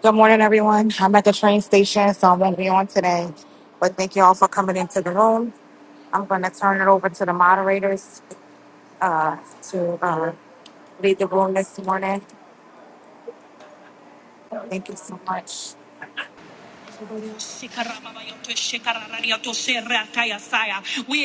Good morning, everyone. I'm at the train station, so I won't be on today. But thank you all for coming into the room. I'm going to turn it over to the moderators uh, to uh, lead the room this morning. Thank you so much. We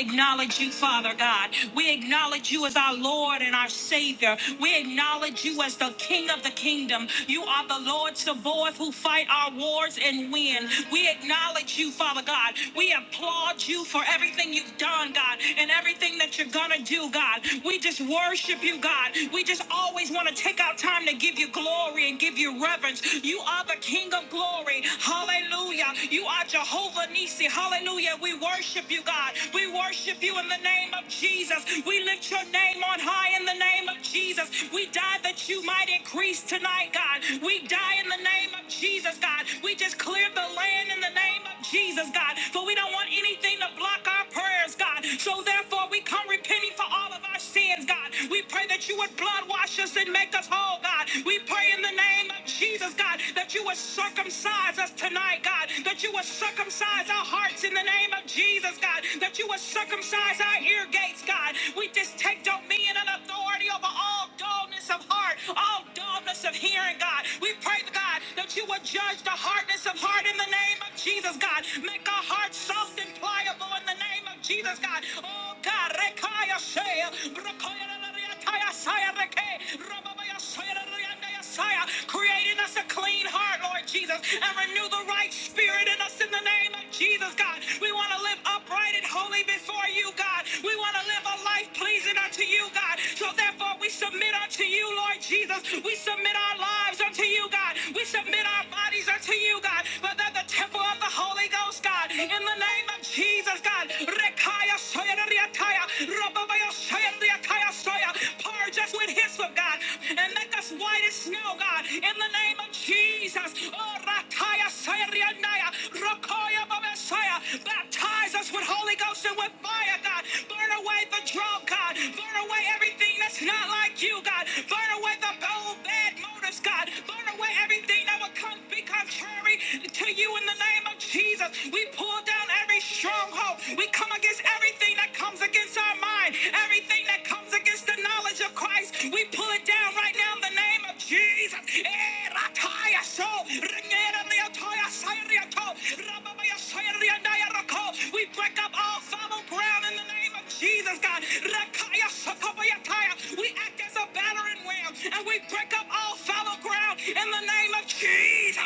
acknowledge you, Father God. We acknowledge you as our Lord and our Savior. We acknowledge you as the King of the kingdom. You are the Lord Sabaoth who fight our wars and win. We acknowledge you, Father God. We applaud you for everything you've done, God, and everything that you're gonna do, God. We just worship you, God. We just always want to take our time to give you glory and give you reverence. You are the King of glory. Hallelujah. You are Jehovah Nisi. Hallelujah. We worship you, God. We worship you in the name of Jesus. We lift your name on high in the name of Jesus. We die that you might increase tonight, God. We die in the name of Jesus, God. We just clear the land in the name of Jesus, God. For we don't want anything to block our prayers, God. So therefore, we come repenting for all of our sins, God. We pray that you would blood wash us and make us whole, God. We pray in the name of Jesus, God, that you would circumcise us tonight, God. That you will circumcise our hearts in the name of Jesus, God. That you will circumcise our ear gates, God. We just take dominion and authority over all dullness of heart, all dullness of hearing, God. We pray, God, that you will judge the hardness of heart in the name of Jesus, God. Make our hearts soft and pliable in the the name of Jesus, God. Oh, God. Rekaya Shea, Rokoya Rekaya Saya Reke, Robabaya Saya Rekaya Saya. Create in us a clean heart, Lord Jesus, and renew the right spirit in us in the name of Jesus, God. We want to live upright and holy before you, God. We want to live a life pleasing unto you, God. So therefore, we submit unto you, Lord Jesus. We submit our lives unto you, God. We submit our bodies praise unto you, God, but that the temple of the Holy Ghost, God, in the name of Jesus, God, Rekaya soya da riataya, Rababaya soya da riataya soya. purge us with hyssop, God, and make us white as snow, God, in the name of Jesus. Oh, Rakaya soya riandaya, Rokoya baba soya. Baptize us with Holy Ghost and with fire, God. Burn away the drought, God. Burn away everything that's not like you, God. Burn away the old bad motives, God. Burn away everything that would come be contrary to you in the name of Jesus. We pull down every stronghold. We come against everything that comes against our mind, everything that comes against the knowledge of Christ. We pull it down right now in the name of Jesus. Eh, rataya so, ringera reatoya sayriato, rababaya sayriandaya rako. We break up all fallow ground in the name of of Jesus, God. Rakaya Shokobayataya. We act as a battering ram and we break up all fallow ground in the name of Jesus.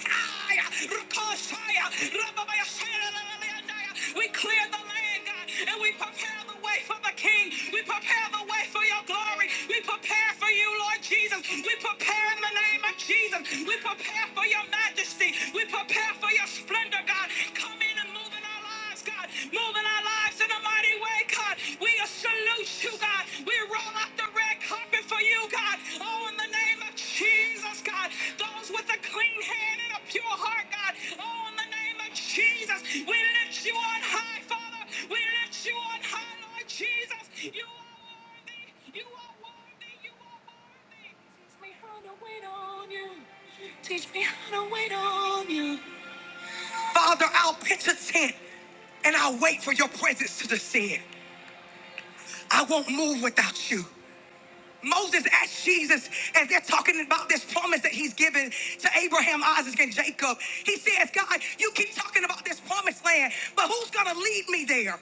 Aya, Rakosaya, Rababayasaya, We clear the land, God, and we prepare the way for the King. We prepare the way for your glory. We prepare for you, Lord Jesus. We prepare in the name of Jesus. We prepare for your majesty. We prepare prayer for your splendor, God. Come in and move in our lives, God. Move in our lives in a mighty way, God. We salute you, God. We roll out the red carpet for you, God. Oh, in the name of Jesus, God. Those with a clean hand and a pure heart, God. Oh, in the name of Jesus, we lift you on high, Father. We lift you on high, Lord Jesus. You are worthy. You are worthy. You are worthy. Teach me how to wait on you. Teach me how to wait on you. Father, I'll pitch a tent and I'll wait for your presence to descend. I won't move without you. Moses asked Jesus, as they're talking about this promise that he's given to Abraham, Isaac, and Jacob, he says, God, you keep talking about this promised land, but who's going to lead me there?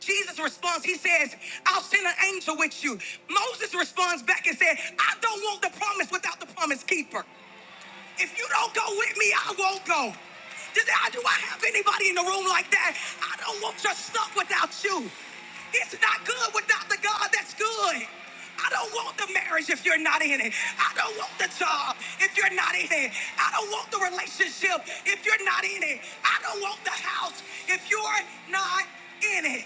Jesus responds, he says, I'll send an angel with you. Moses responds back and said, I don't want the promise without the promise keeper. If you don't go with me, I won't go. Does, do I have anybody in the room like that? I don't want your stuff without you. It's not good without the God that's good. I don't want the marriage if you're not in it. I don't want the job if you're not in it. I don't want the relationship if you're not in it. I don't want the house if you're not in it.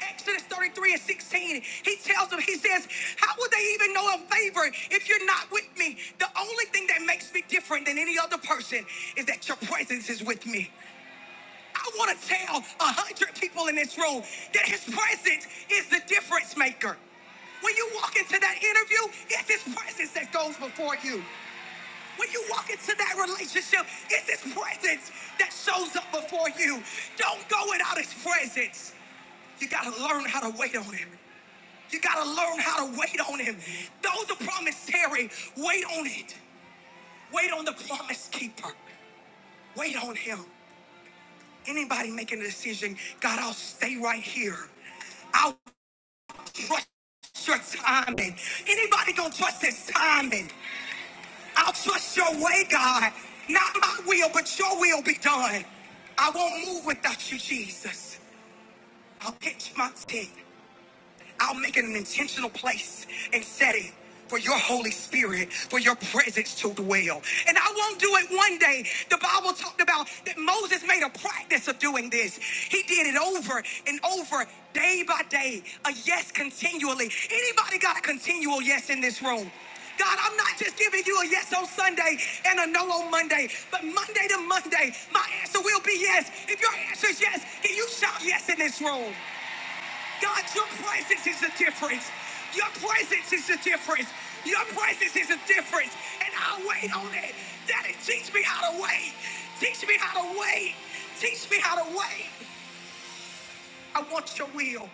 Exodus 33 and 16, he tells them, he says, How would they even know of favor if you're not with me? The only thing that makes me different than any other person is that your presence is with me. I want to tell a hundred people in this room that his presence is the difference maker. When you walk into that interview, it's his presence that goes before you. When you walk into that relationship, it's his presence that shows up before you. Don't go without his presence. You gotta learn how to wait on him. You got to learn how to wait on him. Though the promise tarry, wait on it. Wait on the promise keeper. Wait on him. Anybody making a decision, God, I'll stay right here. I'll trust your timing. Anybody gonna trust his timing? I'll trust your way, God. Not my will, but your will be done. I won't move without you, Jesus. I'll pitch my tent. I'll make it an intentional place and setting for your Holy Spirit, for your presence to dwell. And I won't do it one day. The Bible talked about that Moses made a practice of doing this. He did it over and over, day by day, a yes continually. Anybody got a continual yes in this room? God, I'm not just giving you a yes on Sunday and a no on Monday, but Monday to Monday, my answer will be yes. If your answer is yes, can you shout yes in this room? God, your presence is the difference. Your presence is the difference. Your presence is the difference. And I'll wait on it. Daddy, teach me how to wait. Teach me how to wait. Teach me how to wait. I want your will.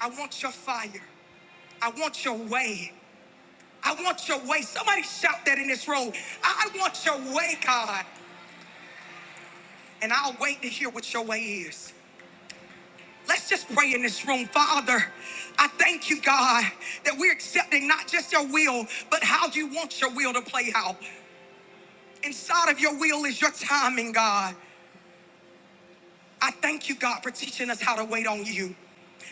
I want your fire. I want your way. I want your way. Somebody shout that in this room. I want your way, God. And I'll wait to hear what your way is. Let's just pray in this room, Father. I thank you, God, that we're accepting not just your will, but how you want your will to play out. Inside of your will is your timing, God. I thank you, God, for teaching us how to wait on you.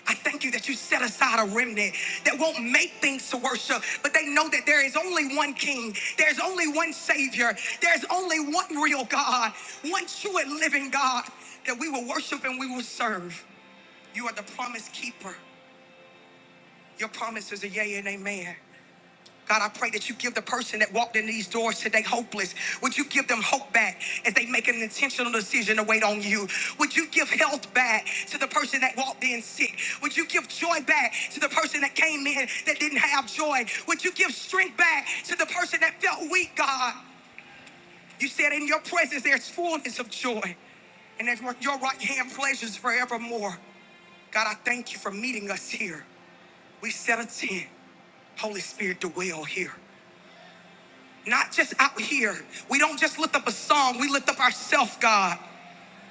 I thank you that you set aside a remnant that won't make things to worship, but they know that there is only one King, there's only one Savior, there's only one real God, one true and living God that we will worship and we will serve. You are the promise keeper. Your promises are yea and amen. God, I pray that you give the person that walked in these doors today hopeless. Would you give them hope back as they make an intentional decision to wait on you? Would you give health back to the person that walked in sick? Would you give joy back to the person that came in that didn't have joy? Would you give strength back to the person that felt weak, God? You said in your presence there's fullness of joy, and at your right hand pleasures forevermore. God, I thank you for meeting us here. We set a tent. Holy Spirit, dwell here. Not just out here. We don't just lift up a song, we lift up ourselves, God.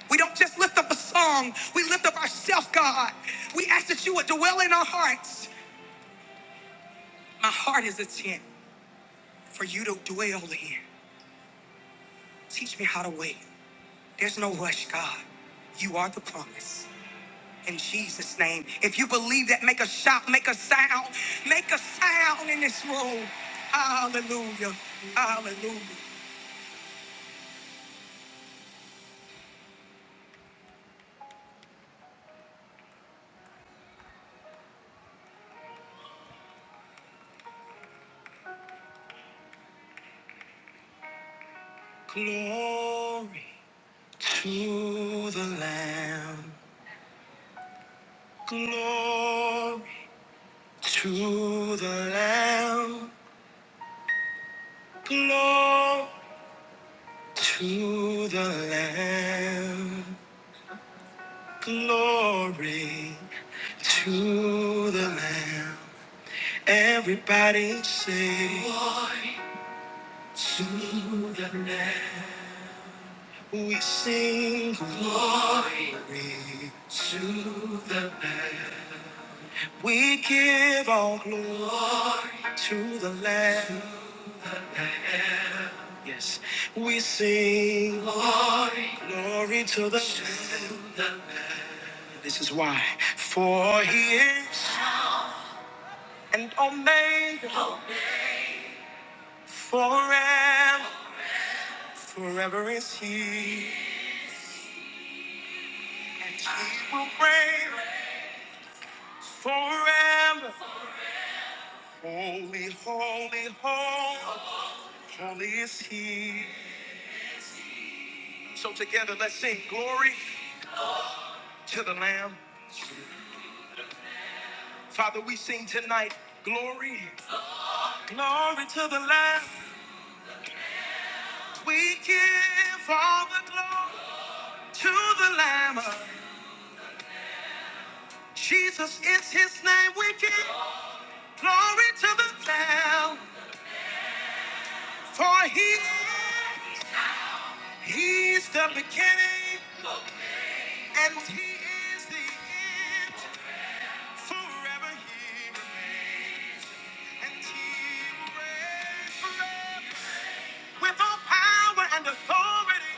We don't just lift up a song, we lift up ourselves, God. We ask that you would dwell in our hearts. My heart is a tent for you to dwell in. Teach me how to wait. There's no rush, God. You are the promise. In Jesus' name. If you believe that, make a shout, make a sound, make a sound in this room. Hallelujah. Hallelujah. Glory to the Lamb. Glory to the Lamb. Glory to the Lamb. Glory to the Lamb. Everybody sing. We sing glory. We give all glory to the Lamb. Yes, we sing. Glory to the Lamb. This is why. For he is and omega forever. Forever is he. And he will reign forever. Holy, holy, holy. Holy is he. So together let's sing glory to the Lamb. Father, we sing tonight glory, glory to the Lamb. We give all the glory to the Lamb. Jesus is his name. We give glory to the Lamb, for he he's the beginning and he is the end. Forever he remains, and he will reign forever with all power and authority.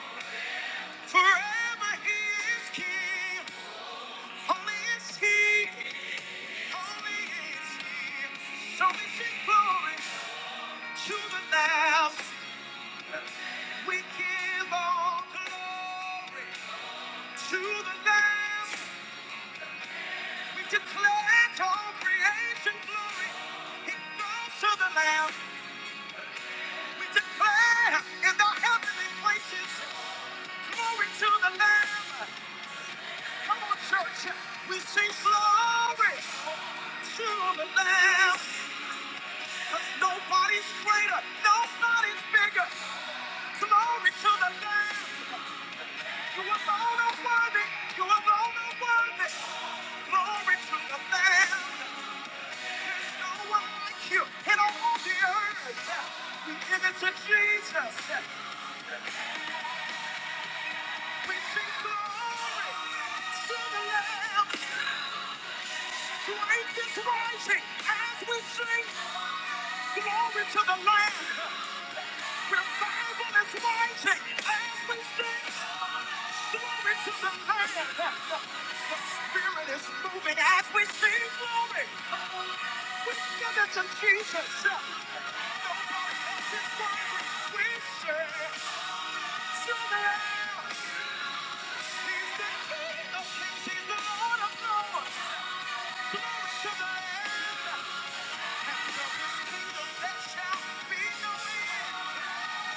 Forever he is king. Holy is he. Holy is he. So we sing glory to the Lamb. We give all glory to the Lamb. We declare to all creation glory. It goes to the Lamb. We declare in the heavenly places glory to the Lamb. Come on, church. We sing glory to the Lamb. 'Cause nobody's greater, nobody's bigger. Glory to the Lamb. You alone are worthy. You alone are worthy. Glory to the Lamb. There's no one like you in all the earth. We give it to Jesus. We sing glory to the Lamb. Great is rising as we sing glory to the Lamb.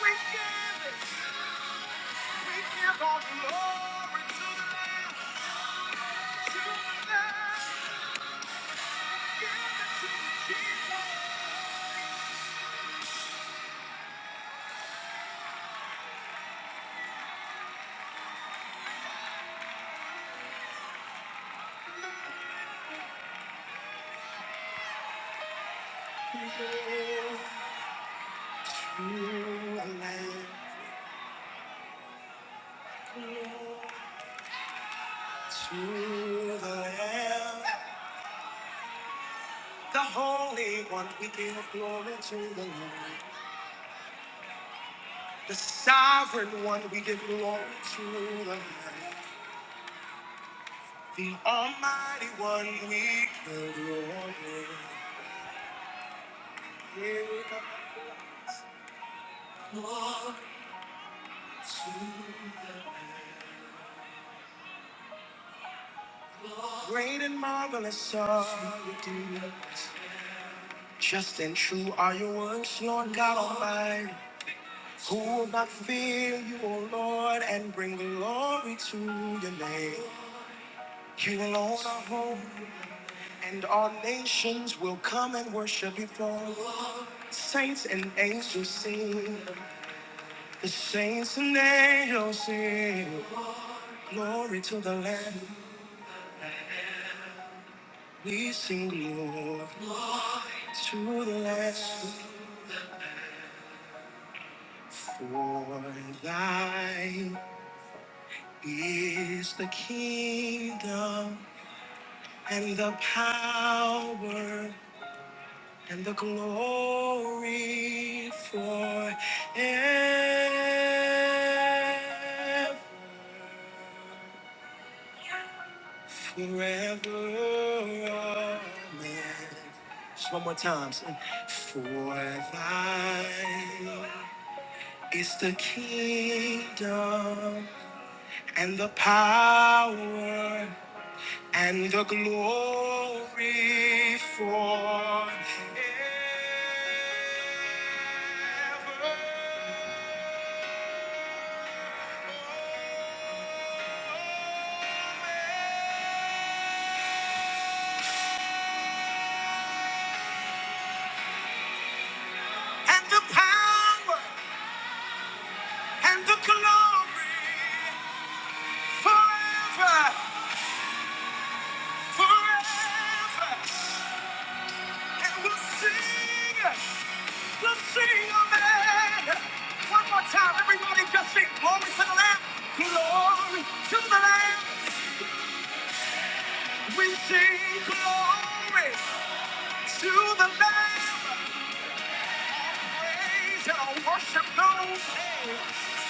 We give it. We give all glory to the Lamb, to the Lamb, to the Lamb, the Holy One, we give glory to the Lamb. The Sovereign One, we give glory to the Lamb. The Almighty One, we give glory. Here we go. Great and marvelous are you, dear. Just and true are your words, Lord God Almighty. Who will not fear you, O Lord, and bring glory to your name? You alone are holy, and all nations will come and worship before you. Saints and angels sing, the saints and angels sing. Glory to the Lamb, we sing glory to the Lamb. For thine is the kingdom and the power and the glory for forever. Amen. Just one more time. say, For thine is the kingdom and the power and the glory for and the power and the glory forever, forever. And we'll sing, we'll sing, amen. One more time, everybody just sing glory to the Lamb, glory to the Lamb. We sing glory to the Lamb. Praise and our worship goes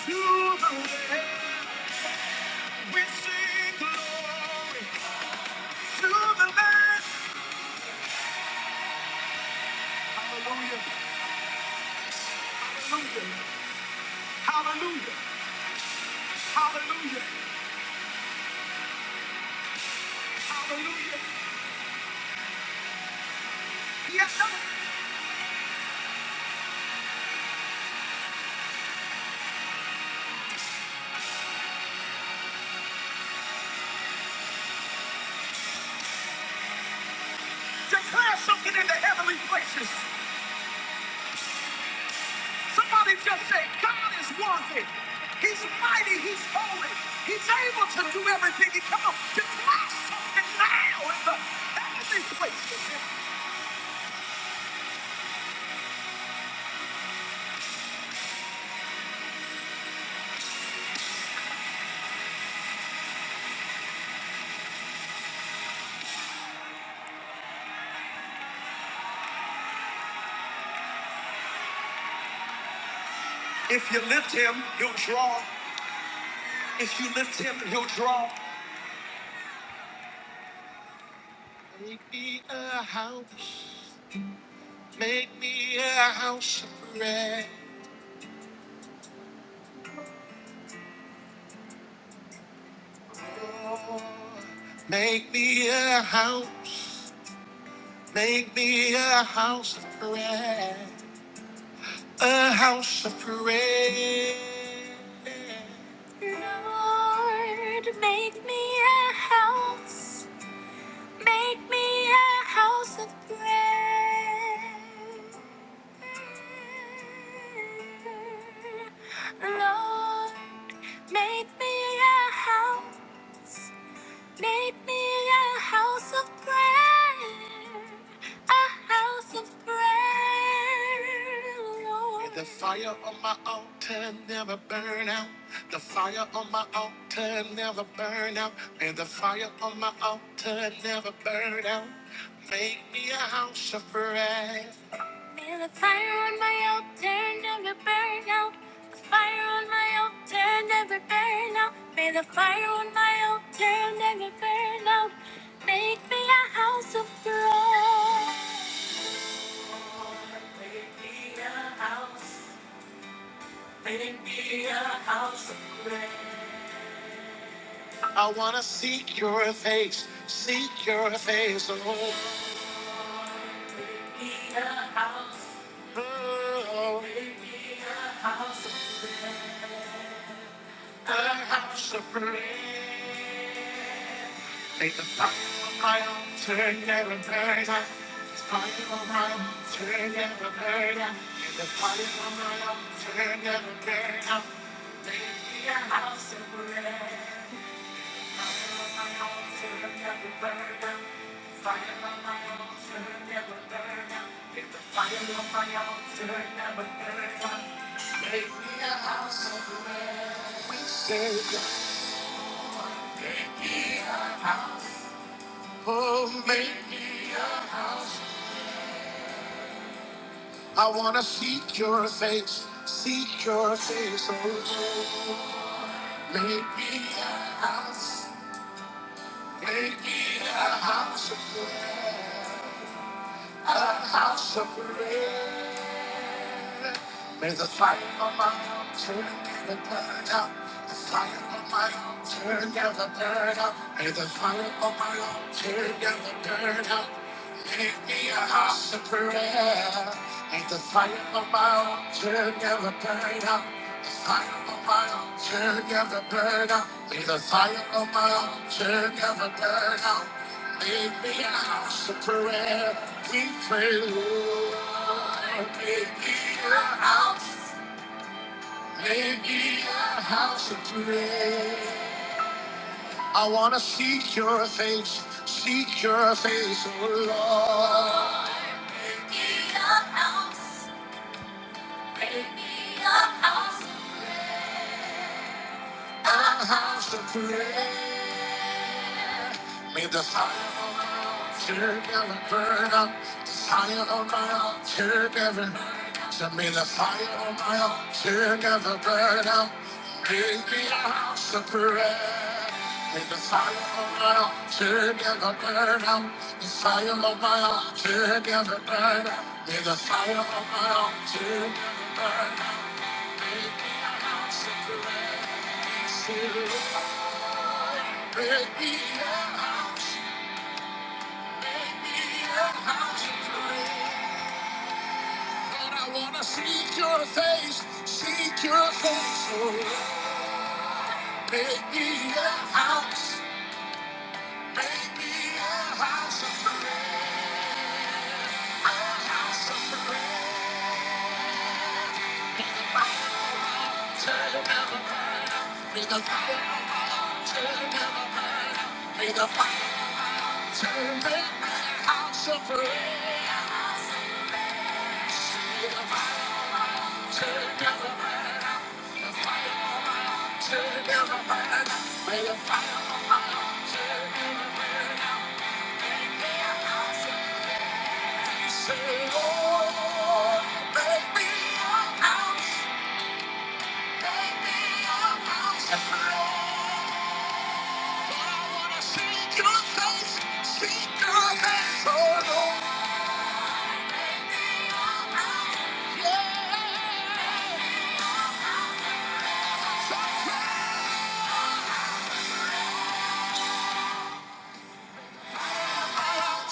to the Lamb. We sing glory to the Lamb. Hallelujah, hallelujah, hallelujah, hallelujah, hallelujah. Yes, sir. Declare something in the heavenly places. Somebody just say, God is worthy. He's mighty. He's holy. He's able to do everything. He come on, declare something now in the heavenly place. If you lift him, he'll draw. If you lift him, he'll draw. Make me a house. Make me a house of prayer. Lord. Make me a house. Make me a house of prayer. a house of prayer. Lord, make me a house, make me a house of prayer. Lord, make me a house. Make me a house of prayer, a house of prayer, Lord. May the fire on my altar never burn out. The fire on my altar never burn out. May the fire on my altar never burn out. Make me a house of prayer. Feel the fire on my altar, never burn out. The fire on my altar, never burn out. May the fire on my altar never burn out. Make me a house of prayer. I wanna seek your face, seek your face, oh, oh, oh, a house of prayer. Oh, make me. I wanna seek your face, seek your face, oh Lord. Make me a house, make me a house of prayer, a house of prayer. May the fire of my altar never burn out. The fire of my altar never burn out. May the fire of my altar never burn out. Make me a house of prayer. May the fire of my altar never burn out. The fire on my altar never burn out. May the fire on my altar never burn out. Make me a house of prayer. We pray, Lord. Make me a house. Make me a house of prayer. I want to seek your face. Seek your face, oh Lord. A house of prayer. May the fire of Turn every burn up, the fire of my altar turn every So may the fire of my altar turn every burn up, give me a house of prayer. May the fire of my altar turn every burn up, the fire of my altar turn every burn up. May the fire of my altar turn every burn up, give me a house of prayer. Make me a house. Lord, I wanna seek your face, seek your face, oh, make me a house, make me a house of prayer, a house of prayer. Turn it down the fire, make the fire, turn it down the fire, make the fire, turn it down the house of prayer. Make the fire, Yeah.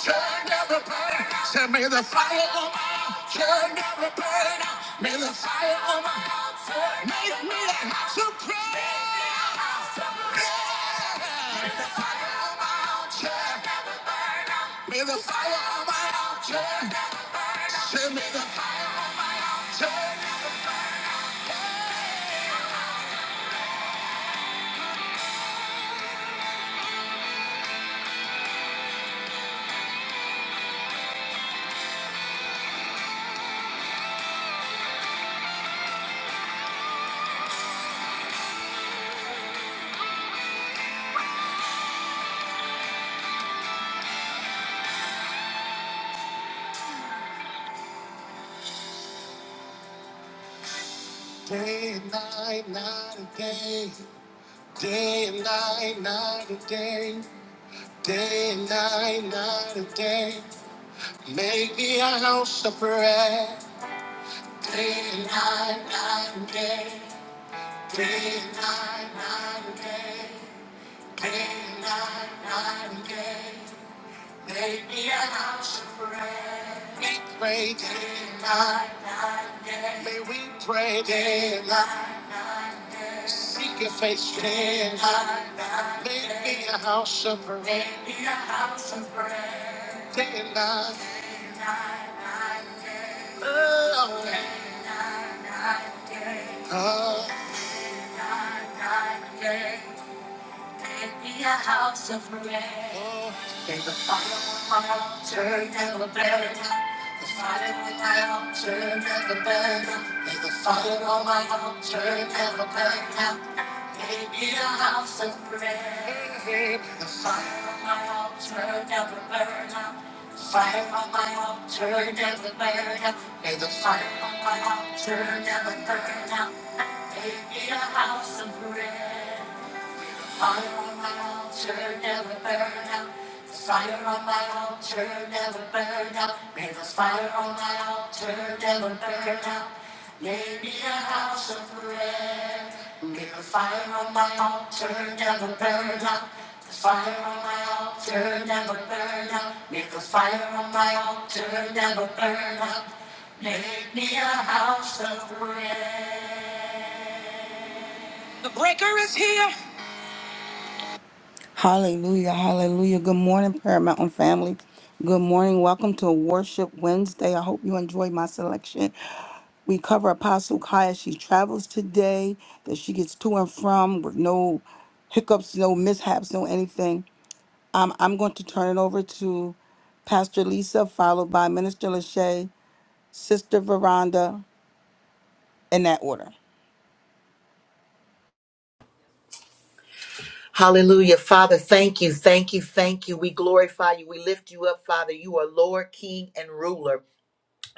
Turn down the burn. Say, may the fire on my house. Turn down the burn. May the fire on my house. Turn May down the house of prayer. May the house of prayer. May the fire on my altar. May the fire on my altar. Say, may the fire on my altar. Day and night, night and day. Day and night, night and day. Day and night, night and day, make me a house of prayer. Day and night, night and day, day and night, night and day, day and night, night and day. Make me a house of prayer. May the fire on my altar never burn out. The fire on my altar never burn out. May the fire on my altar never burn out. Make me a house of prayer. The fire on my altar never burn out. The fire on my altar never burn out. May the fire on my altar never burn out. Make me a house of bread. Fire on my altar never burn out. The fire on my altar never burn out. May the fire on my altar never burn out. May be a house of prayer. May the fire on my altar never burn out. The fire on my altar never burn out. May the fire on my altar never burn out. Make me a house of prayer. Hallelujah, hallelujah. Good morning, Prayer Mountain family. Good morning. Welcome to Worship Wednesday. I hope you enjoyed my selection. We cover Apostle Kai as she travels today, that she gets to and from with no hiccups, no mishaps, no anything. Um, I'm going to turn it over to Pastor Lisa, followed by Minister Lachey, Sister Veranda, in that order. Hallelujah. Father, thank you, thank you, thank you. We glorify you. We lift you up, Father. You are Lord, King, and ruler.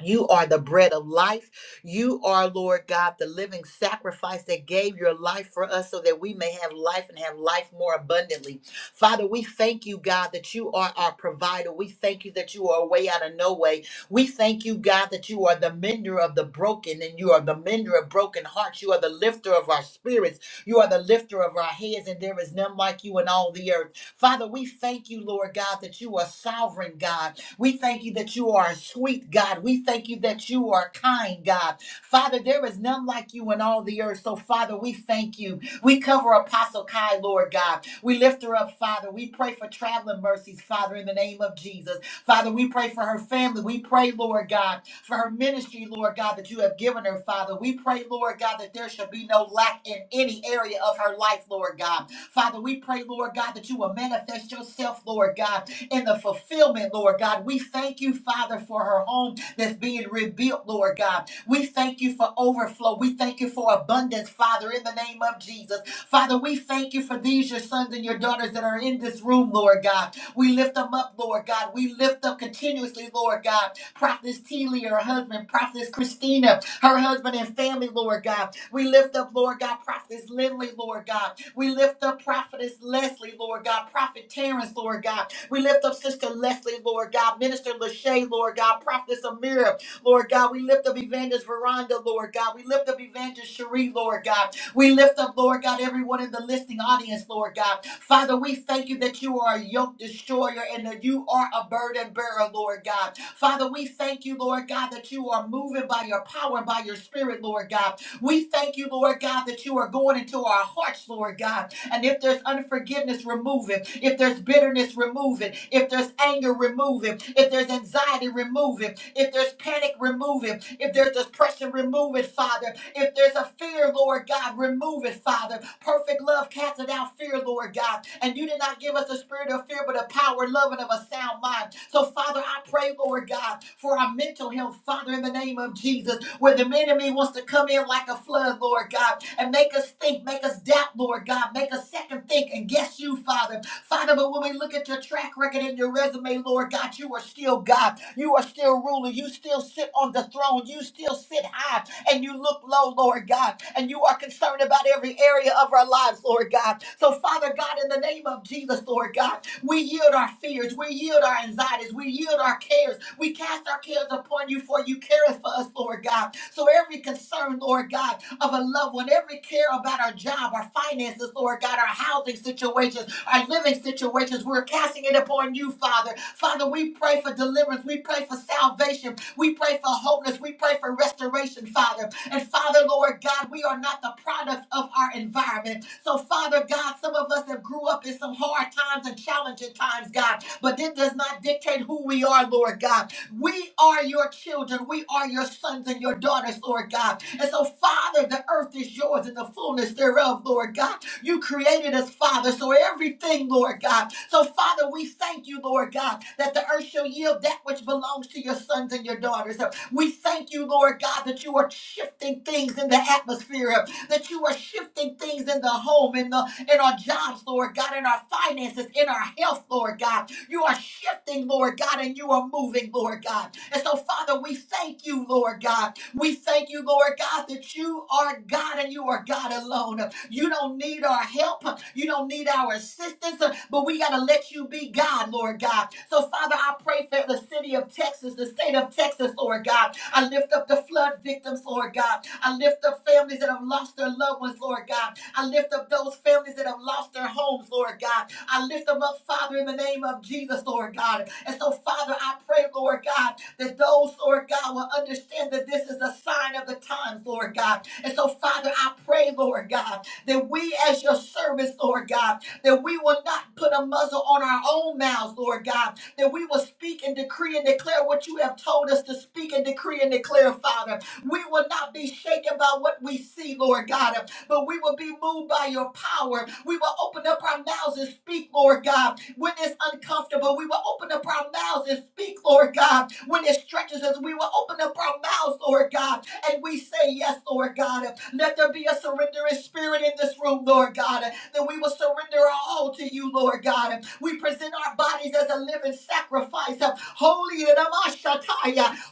You are the bread of life. You are, Lord God, the living sacrifice that gave your life for us so that we may have life and have life more abundantly. Father, we thank you, God, that you are our provider. We thank you that you are a way out of no way. We thank you, God, that you are the mender of the broken and you are the mender of broken hearts. You are the lifter of our spirits. You are the lifter of our heads, and there is none like you in all the earth. Father, we thank you, Lord God, that you are sovereign, God. We thank you that you are sweet, God. We thank you that you are kind, God. Father, there is none like you in all the earth. So, Father, we thank you. We cover Apostle Kai, Lord God. We lift her up, Father. We pray for traveling mercies, Father, in the name of Jesus. Father, we pray for her family. We pray, Lord God, for her ministry, Lord God, that you have given her, Father. We pray, Lord God, that there shall be no lack in any area of her life, Lord God. Father, we pray pray, Lord God, that you will manifest yourself, Lord God, in the fulfillment, Lord God. We thank you, Father, for her home that's being rebuilt, Lord God. We thank you for overflow. We thank you for abundance, Father, in the name of Jesus. Father, we thank you for these, your sons and your daughters that are in this room, Lord God. We lift them up, Lord God. We lift up continuously, Lord God. Prophetess Teely, her husband, Prophetess Christina, her husband and family, Lord God. We lift up, Lord God, Prophetess Lindley, Lord God. We lift up Prophetess Leslie, Lord God, Prophet Terrence, Lord God. We lift up Sister Leslie, Lord God, Minister Lachey, Lord God, Prophetess Amira, Lord God. We lift up Evangelist Veranda, Lord God. We lift up Evangelist Cherie, Lord God. We lift up, Lord God, everyone in the listening audience, Lord God. Father, we thank you that you are a yoke destroyer and that you are a burden bearer, Lord God. Father, we thank you, Lord God, that you are moving by your power and by your spirit, Lord God. We thank you, Lord God, that you are going into our hearts, Lord God. And if there's unforgiveness, remove it. If there's bitterness, remove it. If there's anger, remove it. If there's anxiety, remove it. If there's panic, remove it. If there's depression, remove it, Father. If there's a fear, Lord God, remove it, Father. Perfect love casts out fear, Lord God. And you did not give us a spirit of fear, but a power, love, and of a sound mind. So, Father, I pray, Lord God. God, for our mental health, Father, in the name of Jesus, where the enemy wants to come in like a flood, Lord God, and make us think, make us doubt, Lord God, make us second think and guess you, Father. Father, but when we look at your track record and your resume, Lord God, you are still God. You are still ruler. You still sit on the throne. You still sit high and you look low, Lord God, and you are concerned about every area of our lives, Lord God. So, Father God, in the name of Jesus, Lord. Lord God. We yield our fears. We yield our anxieties. We yield our cares. We cast our cares upon you, for you care for us, Lord God. So every concern, Lord God, of a loved one, every care about our job, our finances, Lord God, our housing situations, our living situations, we're casting it upon you, Father. Father, we pray for deliverance. We pray for salvation. We pray for wholeness. We pray for restoration, Father. And Father, Lord God, we are not the products of our environment. So, Father God, some of us have grew up in some hard times and challenging times, God, but it does not dictate who we are, Lord God. We are your children. We are your sons and your daughters, Lord God. And so, Father, the earth is yours and the fullness thereof, Lord God. You created us, Father. So everything, Lord God. So, Father, we thank you, Lord God, that the earth shall yield that which belongs to your sons and your daughters. We thank you, Lord God, that you are shifting things in the atmosphere that you are shifting things in the home, in the in our jobs, Lord God, in our finances, in our health, Lord God. You are shifting, Lord God, and you are moving, Lord God. And so, Father, we thank you, Lord God. We thank you, Lord God, that you are God and you are God alone. You don't need our help. You don't need our assistance, but we got to let you be God, Lord God. So, Father, I pray Wayfair, the city of Texas, the state of Texas, Lord God. I lift up the flood victims, Lord God. I lift up families that have lost their loved ones, Lord God. I lift up those families that have lost their homes, Lord God. I lift them up, Father, in the name of Jesus, Lord God. And so, Father, I pray, Lord God, that those, Lord God, will understand that this is a sign of the times, Lord God. And so, Father, I pray, Lord God, that we as your servants, Lord God, that we will not put a muzzle on our own mouths, Lord God, that we will speak and decree and declare what you have told us to speak and decree and declare, Father. We will not be shaken by what we see, Lord God but we will be moved by your power. We will open up our mouths and speak, Lord God, when it's uncomfortable. We will open up our mouths and speak, Lord God, when it stretches us. We will open up our mouths, Lord God, and we say, Yes, Lord God. Let there be a surrendering spirit in this room, Lord God, that we will surrender our all to you, Lord God. We present our bodies as a living sacrifice, holy and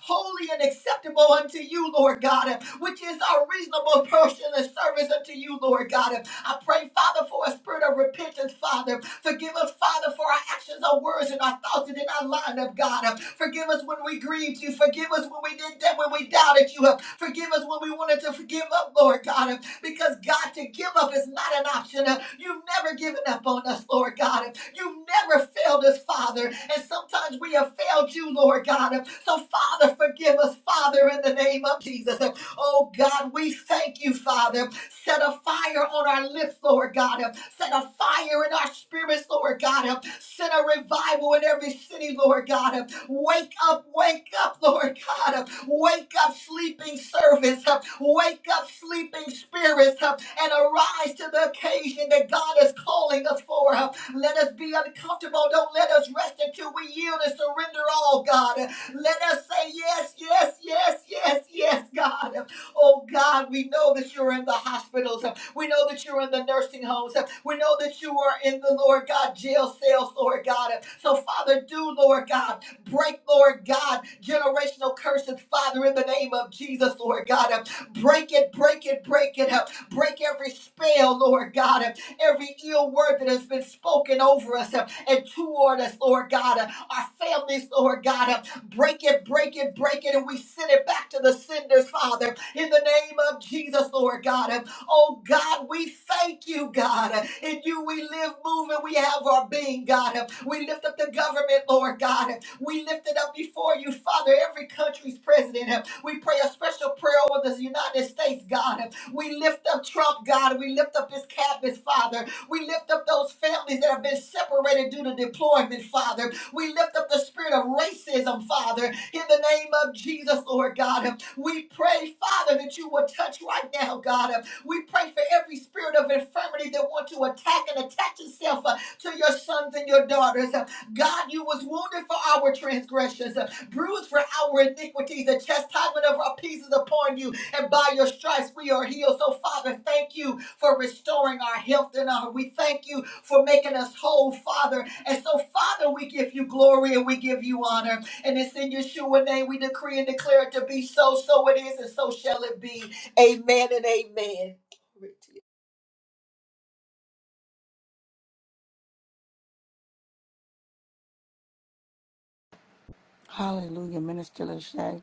holy and acceptable unto unto you, Lord God, which is our reasonable portion of service unto you, Lord God. I pray, Father, for a spirit of repentance, Father. Forgive us, Father, for our actions, our words, and our thoughts that did not line up, God. Forgive us when we grieved you. Forgive us when we did that, when we doubted you. Forgive us when we wanted to forgive up, Lord God. Because, God, to give up is not an option. You've never given up on us, Lord God. You've never failed us, Father. And sometimes we have have failed you, Lord God. So, Father, forgive us, Father, in the name of Jesus. Oh, God, we thank you, Father. Set a fire on our lips, Lord God. Set a fire in our spirits, Lord God. Set a revival in every city, Lord God. Wake up, wake up, Lord God. Wake up, sleeping servants. Wake up, sleeping spirits, and arise to the occasion that God is calling us for. Let us be uncomfortable. Don't let us rest until we yield and surrender all, God. Let us say yes, yes, yes, yes, yes, God. Oh God, we know that you're in the hospitals. We know that you're in the nursing homes. We know that you are in the Lord God jail cells, Lord God. So Father, do Lord God break, Lord God, generational curses, Father, in the name of Jesus, Lord God. Break it, break it, break it. Break every spell, Lord God every ill word that has been spoken over us uh, and toward us, Lord God, uh, our families, Lord God. uh, Break it, break it, break it, and we send it back to the senders, Father, in the name of Jesus, Lord God. Uh, Oh God, we thank you, God. Uh, In you we live, move, and we have our being, God. Uh, We lift up the government, Lord God. Uh, We lift it up before you, Father, every country's president. Uh, We pray a special prayer over the United States, God. Uh, we lift up Trump, God. We lift up his cabinets, Father. We lift up those families that have been separated due to deployment, Father. We lift up the spirit of racism, Father, in the name of Jesus, Lord God. We pray, Father, that you will touch right now, God. We pray for every spirit of infirmity that want to attack and attach itself uh, to your sons and your daughters. God, you was wounded for our transgressions bruised for our iniquities. The chastisement of our peace is upon you, and by your stripes we are healed. So, Father, thank you for restoring our health and our. We thank you for making us whole, Father. And so, Father, we give you glory and we give you honor. And it's in Yeshua name we decree and declare it to be so. So it is, and so shall it be. Amen and amen. Hallelujah, Minister Lachey.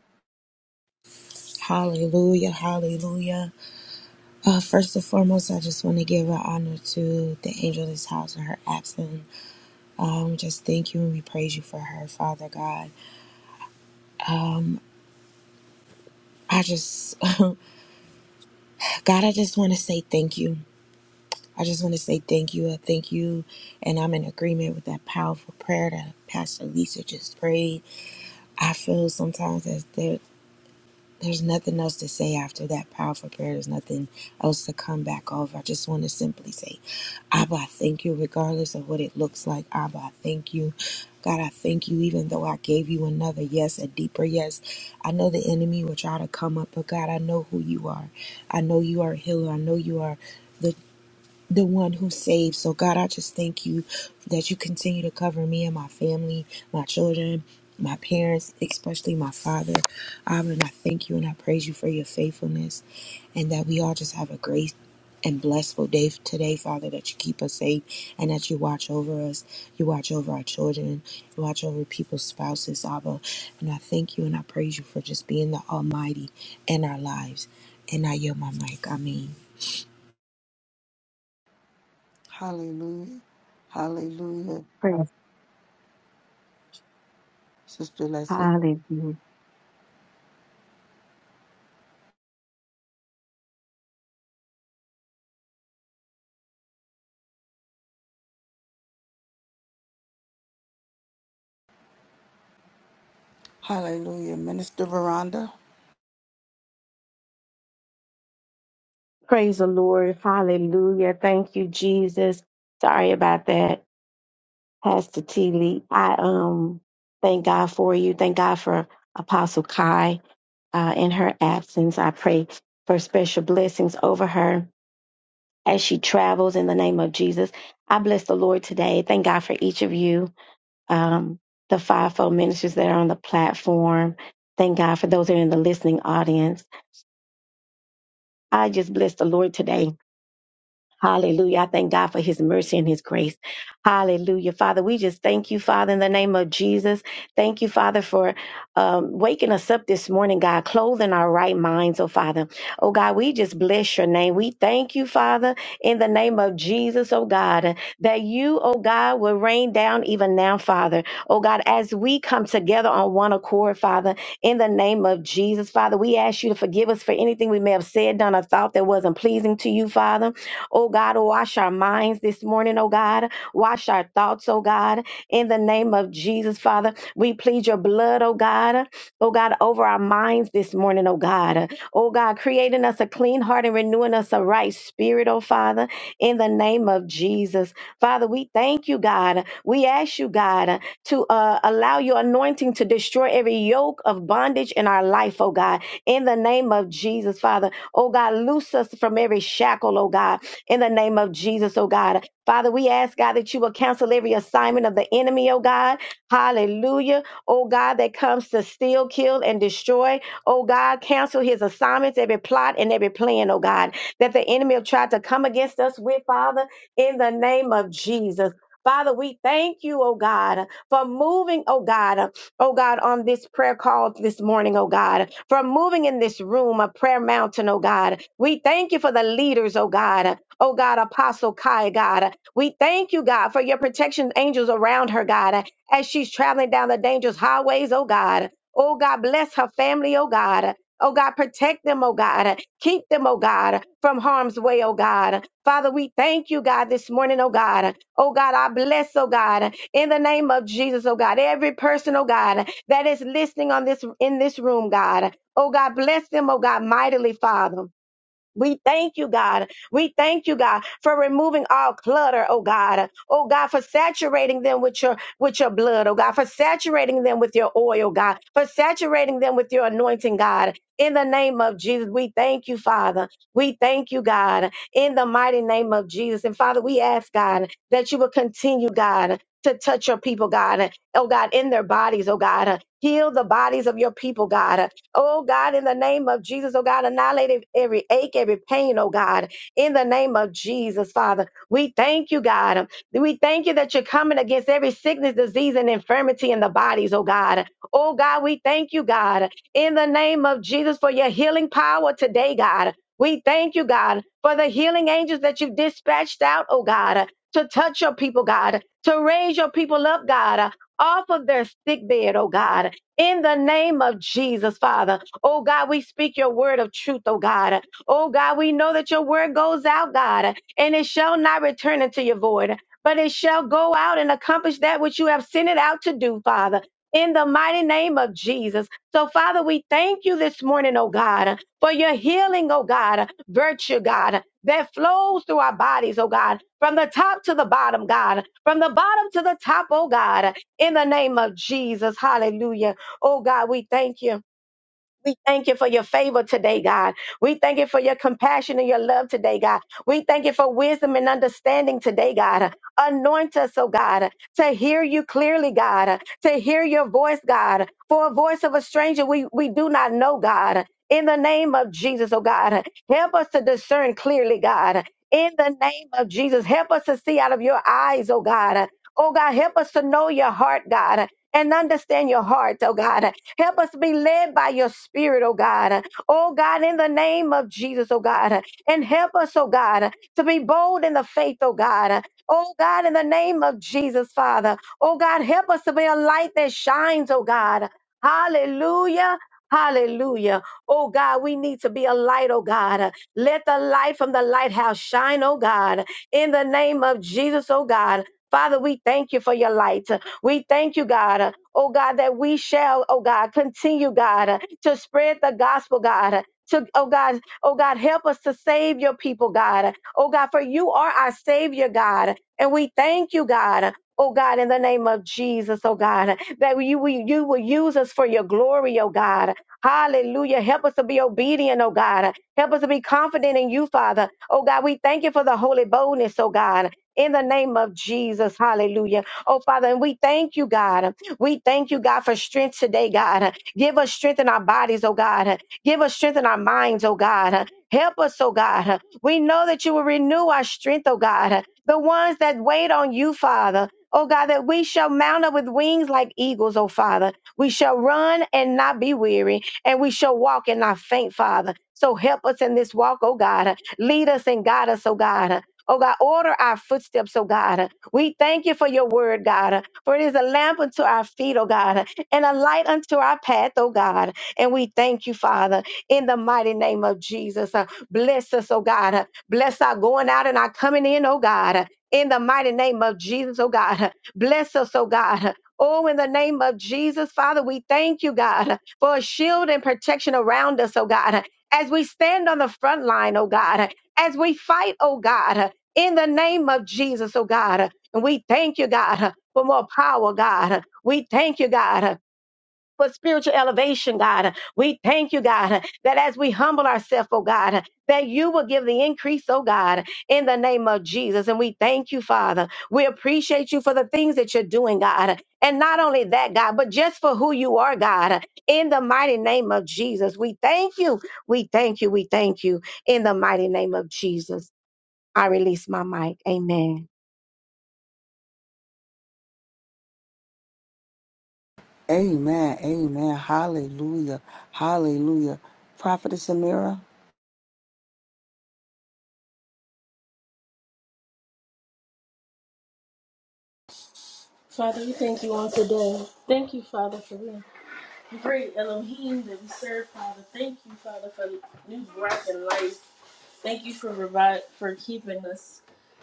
Hallelujah, hallelujah, Praise. Sister Leslie. Hallelujah. Hallelujah. Minister Veranda. Praise the Lord. Hallelujah. Thank you, Jesus. Sorry about that, Pastor T. Lee. I um thank God for you. Thank God for Apostle Kai uh, in her absence. I pray for special blessings over her as she travels in the name of Jesus. I bless the Lord today. Thank God for each of you, um, the fivefold ministers that are on the platform. Platform. Thank God for those that are in the listening audience. I just bless the Lord today Hallelujah. I thank God for his mercy and his grace. Hallelujah. Father, we just thank you, Father, in the name of Jesus. Thank you, Father, for um, waking us up this morning, God, clothing our right minds, oh Father. Oh God, we just bless your name. We thank you, Father, in the name of Jesus, oh God, that you, oh God, will rain down even now, Father. Oh God, as we come together on one accord, Father, in the name of Jesus, Father, we ask you to forgive us for anything we may have said, done, or thought that wasn't pleasing to you, Father. Oh God, wash our minds this morning, oh God. Wash our thoughts, oh God. In the name of Jesus, Father, we plead your blood, oh God. Oh God, over our minds this morning, oh God. Oh God, creating us a clean heart and renewing us a right spirit, oh Father, in the name of Jesus. Father, we thank you, God. We ask you, God, to uh, allow your anointing to destroy every yoke of bondage in our life, oh God, in the name of Jesus, Father. Oh God, loose us from every shackle, oh God in the name of Jesus, oh God. Father, we ask, God, that you will cancel every assignment of the enemy, oh God. Hallelujah. Oh God, that comes to steal, kill, and destroy. Oh God, cancel his assignments, every plot and every plan, oh God, that the enemy have tried to come against us with, Father, in the name of Jesus. Father, we thank you, oh God, for moving, oh God, oh God, on this prayer call this morning, oh God, for moving in this room, a prayer mountain, oh God. We thank you for the leaders, oh God. Oh God, Apostle Kai, God. We thank you, God, for your protection angels around her, God, as she's traveling down the dangerous highways, oh God. Oh God, bless her family, oh God. Oh God, protect them, oh God. Keep them, oh God, from harm's way, oh God. Father, we thank you, God, this morning, oh God. Oh God, I bless, oh God, in the name of Jesus, oh God. Every person, oh God, that is listening on this in this room, God. Oh God, bless them, oh God, mightily, Father. We thank you, God. We thank you, God, for removing all clutter, oh God. Oh God, for saturating them with your with your blood, oh God, for saturating them with your oil, God, for saturating them with your anointing, God. In the name of Jesus, we thank you, Father. We thank you, God, in the mighty name of Jesus. And Father, we ask, God, that you will continue, God, to touch your people, God. Oh God, in their bodies, oh God. Heal the bodies of your people, God. Oh God, in the name of Jesus, oh God, annihilate every ache, every pain, oh God, in the name of Jesus, Father. We thank you, God. We thank you that you're coming against every sickness, disease, and infirmity in the bodies, oh God. Oh God, we thank you, God, in the name of Jesus for your healing power today, God. We thank you, God, for the healing angels that you have dispatched out, oh God, to touch your people, God, to raise your people up, God, off of their sick bed, oh God in the name of Jesus, Father. Oh God, we speak your word of truth, oh God. Oh God, we know that your word goes out, God, and it shall not return into your void, but it shall go out and accomplish that which you have sent it out to do, Father. In the mighty name of Jesus. So, Father, we thank you this morning, oh God, for your healing, oh God, virtue, God, that flows through our bodies, oh God, from the top to the bottom, God, from the bottom to the top, oh God, in the name of Jesus. Hallelujah. Oh God, we thank you. We thank you for your favor today, God. We thank you for your compassion and your love today, God. We thank you for wisdom and understanding today, God. Anoint us, oh God, to hear you clearly, God, to hear your voice, God. For a voice of a stranger we, we do not know, God. In the name of Jesus, oh God, help us to discern clearly, God. In the name of Jesus, help us to see out of your eyes, oh God. Oh God, help us to know your heart, God, and understand your heart, oh God. Help us be led by your spirit, oh God. Oh God, in the name of Jesus, oh God. And help us, oh God, to be bold in the faith, oh God. Oh God, in the name of Jesus, Father. Oh God, help us to be a light that shines, oh God. Hallelujah. Hallelujah. Oh God, we need to be a light, oh God. Let the light from the lighthouse shine, oh God, in the name of Jesus, oh God. Father, we thank you for your light. We thank you, God, oh God, that we shall, oh God, continue, God, to spread the gospel, God. To, oh God, oh God, help us to save your people, God. Oh God, for you are our Savior, God. And we thank you, God. Oh God, in the name of Jesus, oh God, that you, we, you will use us for your glory, oh God. Hallelujah. Help us to be obedient, oh God. Help us to be confident in you, Father. Oh God, we thank you for the holy boldness, oh God. In the name of Jesus, hallelujah. Oh Father, and we thank you, God. We thank you, God, for strength today, God. Give us strength in our bodies, oh God. Give us strength in our minds, oh God. Help us, oh God. We know that you will renew our strength, oh God. The ones that wait on you, Father. Oh God, that we shall mount up with wings like eagles, oh Father. We shall run and not be weary and we shall walk and not faint, Father. So help us in this walk, oh God. Lead us and guide us, oh God. Oh God, order our footsteps, oh God. We thank you for your word, God, for it is a lamp unto our feet, oh God, and a light unto our path, oh God. And we thank you, Father, in the mighty name of Jesus. Uh, Bless us, oh God. Bless our going out and our coming in, oh God. In the mighty name of Jesus, oh God. Bless us, oh God. Oh, in the name of Jesus, Father, we thank you, God for a shield and protection around us, oh God, as we stand on the front line, oh God, as we fight, oh God, in the name of Jesus, oh God. And we thank you, God, for more power, God. We thank you, God for spiritual elevation, God. We thank you, God, that as we humble ourselves, oh God, that you will give the increase, oh God, in the name of Jesus. And we thank you, Father. We appreciate you for the things that you're doing, God. And not only that, God, but just for who you are, God, in the mighty name of Jesus. We thank you. We thank you. We thank you in the mighty name of Jesus. I release my mic. Amen. Amen. Amen. Hallelujah. Hallelujah. Prophetess Amira. Father, we thank you on today. Thank you, Father, for the great Elohim that we serve, Father. Thank you, Father, for new breath and life. Thank you for revi- for keeping us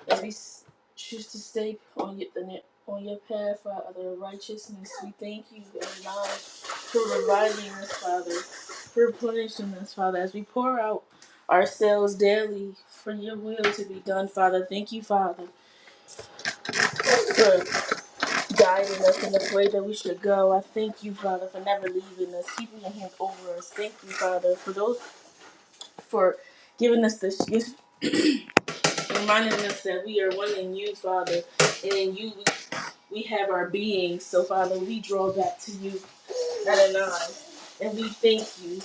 as we s- choose to stay on your, the, ne- on your path, Father, of righteousness. We thank you and God for reviving us, Father, for replenishing us, Father, as we pour out ourselves daily for your will to be done, Father. Thank you, Father for guiding us in the way that we should go. I thank you, Father, for never leaving us, keeping your hand over us. Thank you, Father, for those for giving us this reminding us that we are one in you, Father, and in you we, we have our being. So, Father, we draw back to you, Adonai, and we thank you.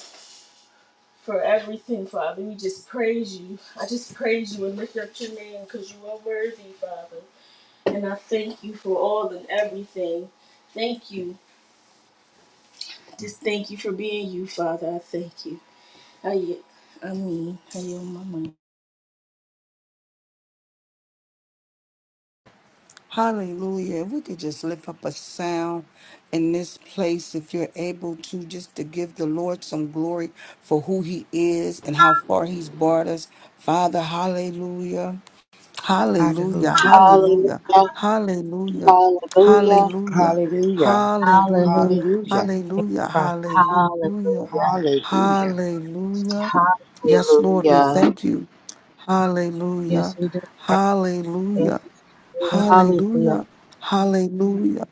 For everything, Father, we just praise you. I just praise you and lift up your name because you are worthy, Father. And I thank you for all and everything. Thank you. Just thank you for being you, Father. I thank you. I, I mean, I am my mind. Hallelujah. If we could just lift up a sound in this place, if you're able to, just to give the Lord some glory for who he is and how far he's brought us. Father, hallelujah. Hallelujah, Hallelujah. hallelujah, hallelujah, hallelujah, Hallelujah. hallelujah, Hallelujah. Thank hallelujah, you, Father. hallelujah, Hallelujah. hallelujah. Yes, Lord, we thank you. Hallelujah, God. hallelujah, Thank hallelujah, hallelujah.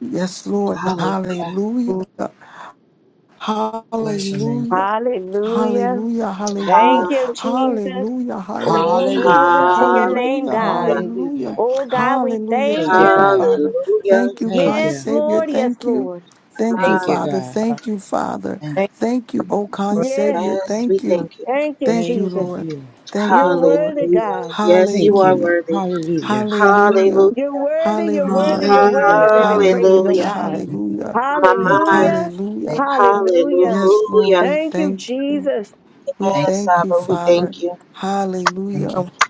Yes, Lord, you, Lord hallelujah, Bless your name. Hallelujah. Hallelujah. Hallelujah, hallelujah, Thank you, Jesus. hallelujah, Oh, hallelujah, glory Hallelujah. to your name, hallelujah, God. hallelujah, Hallelujah. Oh, God, we hallelujah. thank Thank you, Thank you, you. God. Father. Thank you, Thank kind Yes, you. Savior. Lord. Yes, Thank you. Lord. Thank you, Thank you, Father. God. God. Thank you, Father. Thank Thank Thank you, you, oh kind Lord Yes. Savior. Thank you. Thank you, Thank you, Thank Jesus. Lord. you. Thank you, You're Lord. worthy, God. Thank you. Hallelujah, Hallelujah. hallelujah, You're worthy. You're worthy. hallelujah, You're worthy Hallelujah. of hallelujah, every praise, oh God. you. Thank you. hallelujah, Thank you, God. Hallelujah. hallelujah. Thank Hallelujah. Yes, Lord, we Thank you, thank you. Jesus. We you. thank you, Father. Thank Hallelujah. you. God.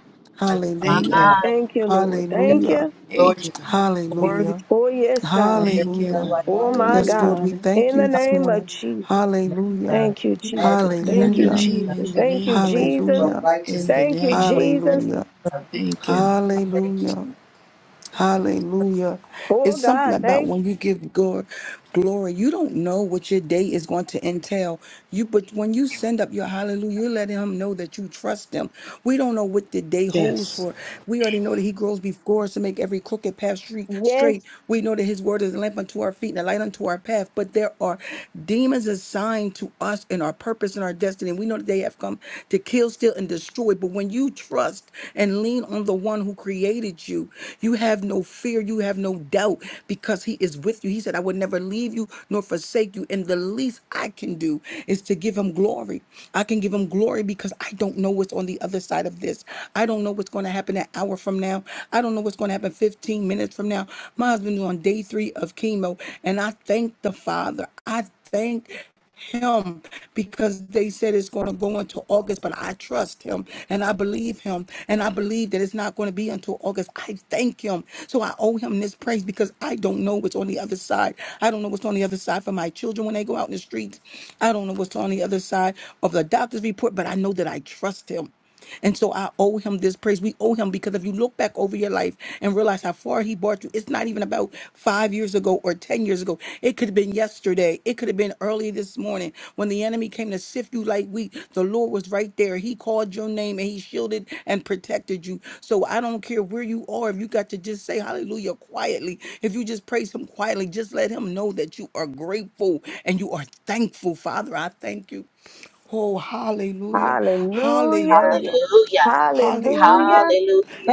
Thank Thank you. Hallelujah. you. Thank Thank you, Lord. you. Thank Hallelujah. you. Thank Lord, you, God. You're we give worthy, Hallelujah. Oh, yes, God. you Thank you, everything Hallelujah. God. right. Oh, my Yes, Hallelujah. Lord, we God. thank In you the this name morning. of Jesus. May Hallelujah. God Thank you, we magnify Jesus. In Thank the you, Hallelujah. name, God. Jesus. in the Thank you, Oh, name, you Jesus. are Hallelujah. righteous in God. the Thank you, name. Lord, thank Jesus. you. Hallelujah. God. We Thank you. thank you. Hallelujah. Hallelujah. Oh It's something God, about thank when you. you give God glory, you don't know what your day is going to entail. You but when you send up your hallelujah, you let him know that you trust him. We don't know what the day holds Yes. for. We already know that he grows before us to make every crooked path straight Yes. straight. We know that his word is a lamp unto our feet and a light unto our path. But there are demons assigned to us and our purpose and our destiny. We know that they have come to kill, steal, and and destroyed. But when you trust and lean on the one who created you, you have no fear, you have no doubt because he is with you. He said, I would never leave you nor forsake you. And the least I can do is to give him glory. I can give him glory because I don't know what's on the other side of this. I don't know what's going to happen an hour from now. I don't know what's going to happen 15 minutes from now. My husband's on day three of chemo, and I thank the Father. I thank him because they said it's going to go into August, but I trust him and I believe him and I believe that it's not going to be until August. I thank him. So I owe him this praise because I don't know what's on the other side. I don't know what's on the other side for my children when they go out in the streets. I don't know what's on the other side of the doctor's report, but I know that I trust him. And so I owe him this praise. We owe him because if you look back over your life and realize how far he brought you, it's not even about five years ago or 10 years ago. It could have been yesterday. It could have been early this morning when the enemy came to sift you like wheat. The Lord was right there. He called your name and he shielded and protected you. So I don't care where you are. If you got to just say hallelujah quietly, if you just praise him quietly, just let him know that you are grateful and you are thankful. Father, I thank you. Oh, hallelujah. Hallelujah. Hallelujah. Hallelujah. Hallelujah. Hallelujah.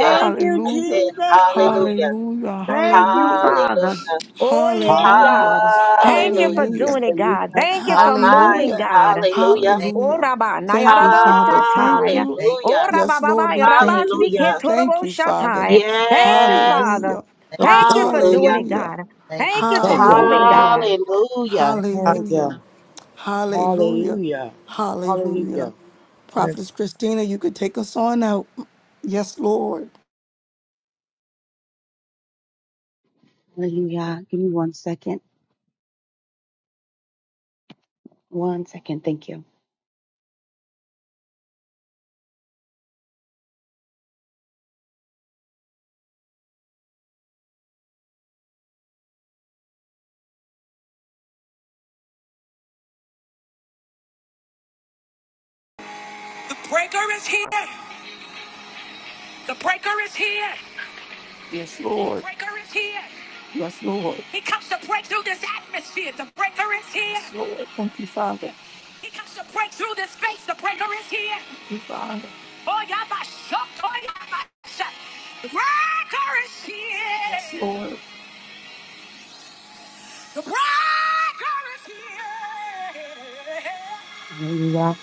Our you, I Hallelujah. said Jesus. Father, hallelujah. Hallelujah. Thank you, Hallelujah. Hallelujah. Father. Oh yes, Hallelujah. Hallelujah. God. Thank you for Hallelujah. thank, Hallelujah. doing it, God. Thank you My for mind. moving, Hallelujah. God. Hallelujah. thank, Oh Hallelujah. Rabba Thank you, Nayarabo Father. Thank Shatai. you. thank, Hallelujah. Oh Rabba Yes, Baba Lord, we Rabba thank you. Hallelujah. Thank Siketorobo you, Father. Shatai. Thank you, Yes. Father. Hallelujah. thank, so Thank you for doing Hallelujah. it, Hallelujah. God. thank you. Thank you for Thank you. moving, Hallelujah. God. Hallelujah. Father. Thank you. Hallelujah. Hallelujah. Hallelujah. Hallelujah. Hallelujah. good. Prophetess Christina, you could take us on out. Yes, Lord. Hallelujah. Give me one second. One second. Thank you. The breaker is here. The breaker is here. Yes, The Lord. breaker is here. Yes, Lord. He comes to break through this atmosphere. The breaker is here. Yes, Lord. Thank you, Father. He comes to break through this space. The breaker is here. Thank you, Father. Oh, yeah, my shock. Oh, yeah, my shock. The breaker is Yes, here. Lord. Hallelujah.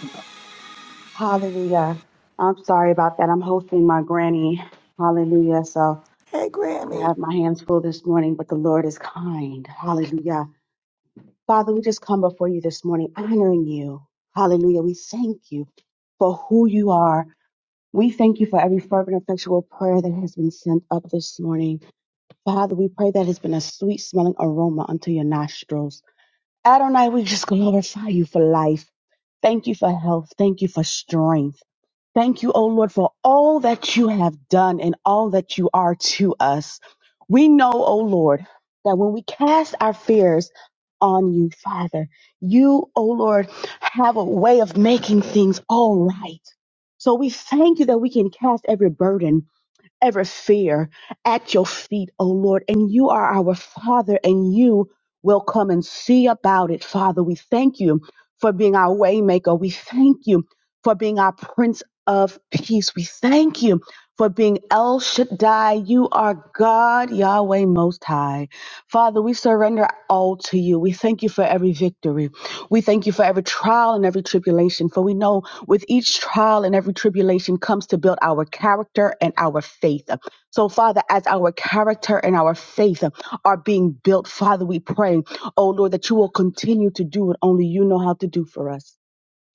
Hallelujah. I'm sorry about that. I'm hosting my granny. Hallelujah. So I have my hands full this morning, but the Lord is kind. Hallelujah. Father, we just come before you this morning, honoring you. Hallelujah. We thank you for who you are. We thank you for every fervent, effectual prayer that has been sent up this morning. Father, we pray that it's been a sweet smelling aroma unto your nostrils. Adonai, we just glorify you for life. Thank you for health. Thank you for strength. Thank you, O Lord, for all that you have done and all that you are to us. We know, O Lord, that when we cast our fears on you, Father, you, O Lord, have a way of making things all right. So we thank you that we can cast every burden every fear at your feet, O Lord. And you are our Father, and you will come and see about it, Father. We thank you for being our waymaker. We thank you for being our Prince of Peace. We thank you for being El Shaddai. You are God, Yahweh Most High. Father, we surrender all to you. We thank you for every victory. We thank you for every trial and every tribulation, for we know with each trial and every tribulation comes to build our character and our faith. So, Father, as our character and our faith are being built, Father, we pray, oh Lord, that you will continue to do what only you know how to do for us.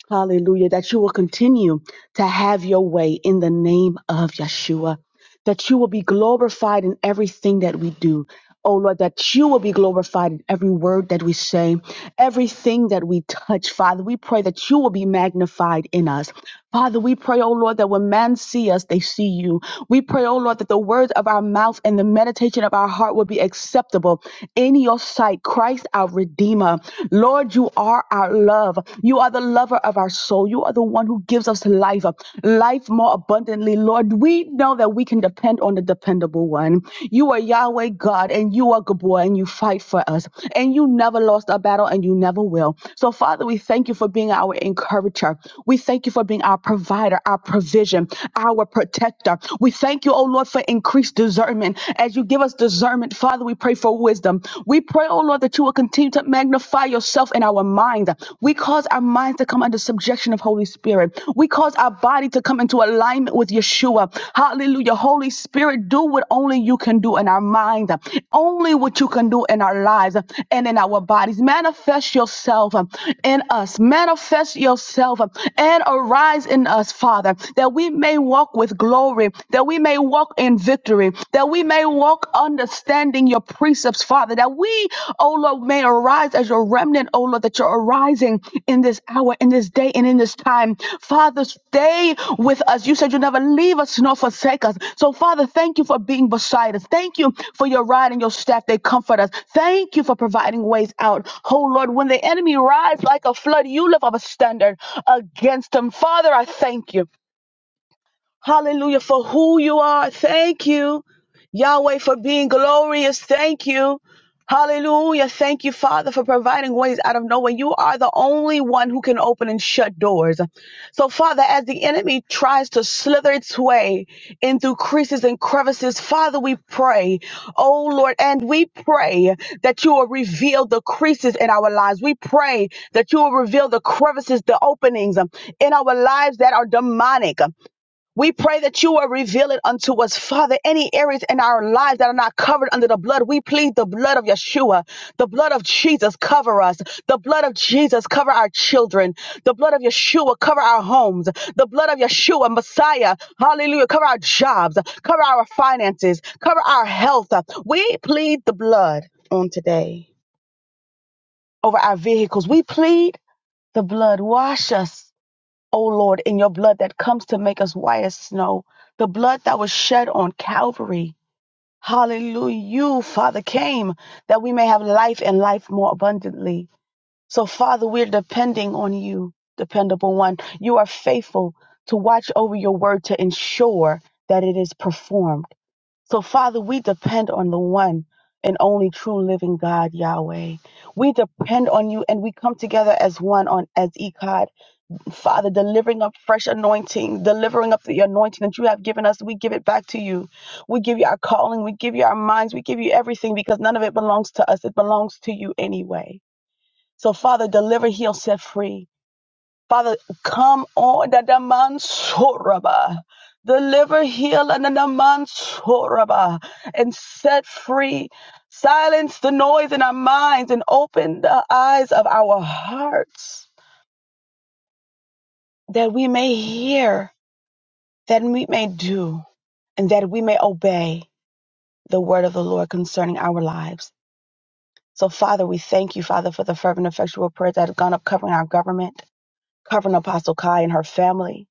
Hallelujah. That you will continue to have your way in the name of Yeshua. That you will be glorified in everything that we do. Oh Lord, that you will be glorified in every word that we say, everything that we touch. Father, we pray that you will be magnified in us. Father, we pray, oh Lord, that when men see us, they see you. We pray, oh Lord, that the words of our mouth and the meditation of our heart will be acceptable in your sight. Christ, our Redeemer. Lord, you are our love. You are the lover of our soul. You are the one who gives us life, life more more abundantly, Lord. We know that we can depend on the dependable one. You are Yahweh God, and you are Gabor, and you fight for us. And you never lost a battle, and you never will. So, Father, we thank you for being our encourager. We thank you for being our provider, our provision, our protector. We thank you, oh Lord, for increased discernment. As you give us discernment, Father, we pray for wisdom. We pray, oh Lord, that you will continue to magnify yourself in our minds mind. We cause our minds to come under subjection of Holy Spirit. We cause our body to come into alignment with Yeshua. Hallelujah. Holy Spirit, do what only you can do in our minds, only what you can do in our lives and in our bodies. Manifest yourself in us. Manifest yourself and arise in us, Father, that we may walk with glory, that we may walk in victory, that we may walk understanding your precepts, Father, that we, oh Lord, may arise as your remnant, oh Lord, that you're arising in this hour, in this day, and in this time. Father, stay with us. You said you never leave us nor forsake us. So, Father, thank you for being beside us. Thank you for your rod and your staff. They comfort us. Thank you for providing ways out. Oh Lord, when the enemy rides like a flood, you lift up a standard against him. Father, I thank you. Hallelujah for who you are. Thank you, Yahweh, for being glorious. Thank you. Hallelujah. Thank you, Father, for providing ways out of nowhere. You are the only one who can open and shut doors. So, Father, as the enemy tries to slither its way in through creases and crevices, Father, we pray, oh Lord, and we pray that you will reveal the creases in our lives. We pray that you will reveal the crevices, the openings um, in our lives that are demonic. We pray that you will reveal it unto us, Father. Any areas in our lives that are not covered under the blood, we plead the blood of Yeshua. The blood of Jesus cover us. The blood of Jesus cover our children. The blood of Yeshua cover our homes. The blood of Yeshua, Messiah, hallelujah, cover our jobs, cover our finances, cover our health. We plead the blood on today over our vehicles. We plead the blood. Wash us. O Lord, in your blood that comes to make us white as snow, the blood that was shed on Calvary. Hallelujah. You, Father, came that we may have life and life more abundantly. So, Father, we're depending on you, dependable one. You are faithful to watch over your word to ensure that it is performed. So, Father, we depend on the one and only true living God, Yahweh. We depend on you and we come together as one on as Echad Father, delivering up fresh anointing, delivering up the anointing that you have given us. We give it back to you. We give you our calling. We give you our minds. We give you everything because none of it belongs to us. It belongs to you anyway. So, Father, deliver, heal, set free. Father, come on. Dadamansoraba. Deliver, heal, and dadamansoraba. and set free. Silence the noise in our minds and open the eyes of our hearts that we may hear that we may do and that we may obey the word of the Lord concerning our lives. So, Father, we thank you, Father, for the fervent, effectual prayers that have gone up covering our government, covering Apostle Kai and her family.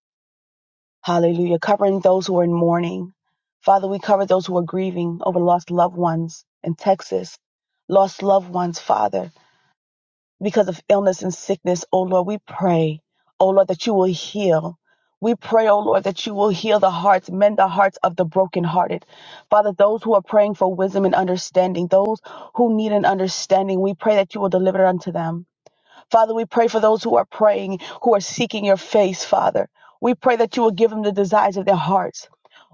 Hallelujah. Covering those who are in mourning. Father, we cover those who are grieving over lost loved ones in Texas, lost loved ones, Father. because of illness and sickness, oh Lord, we pray, oh Lord, that you will heal. We pray, oh Lord, that you will heal the hearts, mend the hearts of the brokenhearted. Father, those who are praying for wisdom and understanding, those who need an understanding, we pray that you will deliver it unto them. Father, we pray for those who are praying, who are seeking your face, Father. We pray that you will give them the desires of their hearts.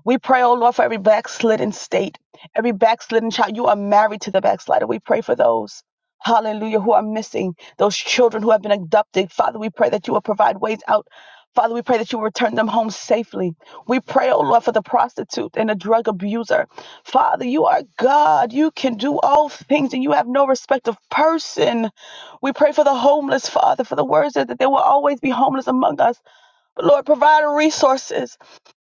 We pray, oh Lord, for every backslidden state, every backslidden child. You are married to the backslider. We pray for those, hallelujah, who are missing, those children who have been abducted. Father, we pray that you will provide ways out. Father, we pray that you will return them home safely. We pray, oh Lord, for the prostitute and the drug abuser. Father, you are God. You can do all things and you have no respect of person. We pray for the homeless, Father, for the words that, that there will always be homeless among us. But Lord, provide resources.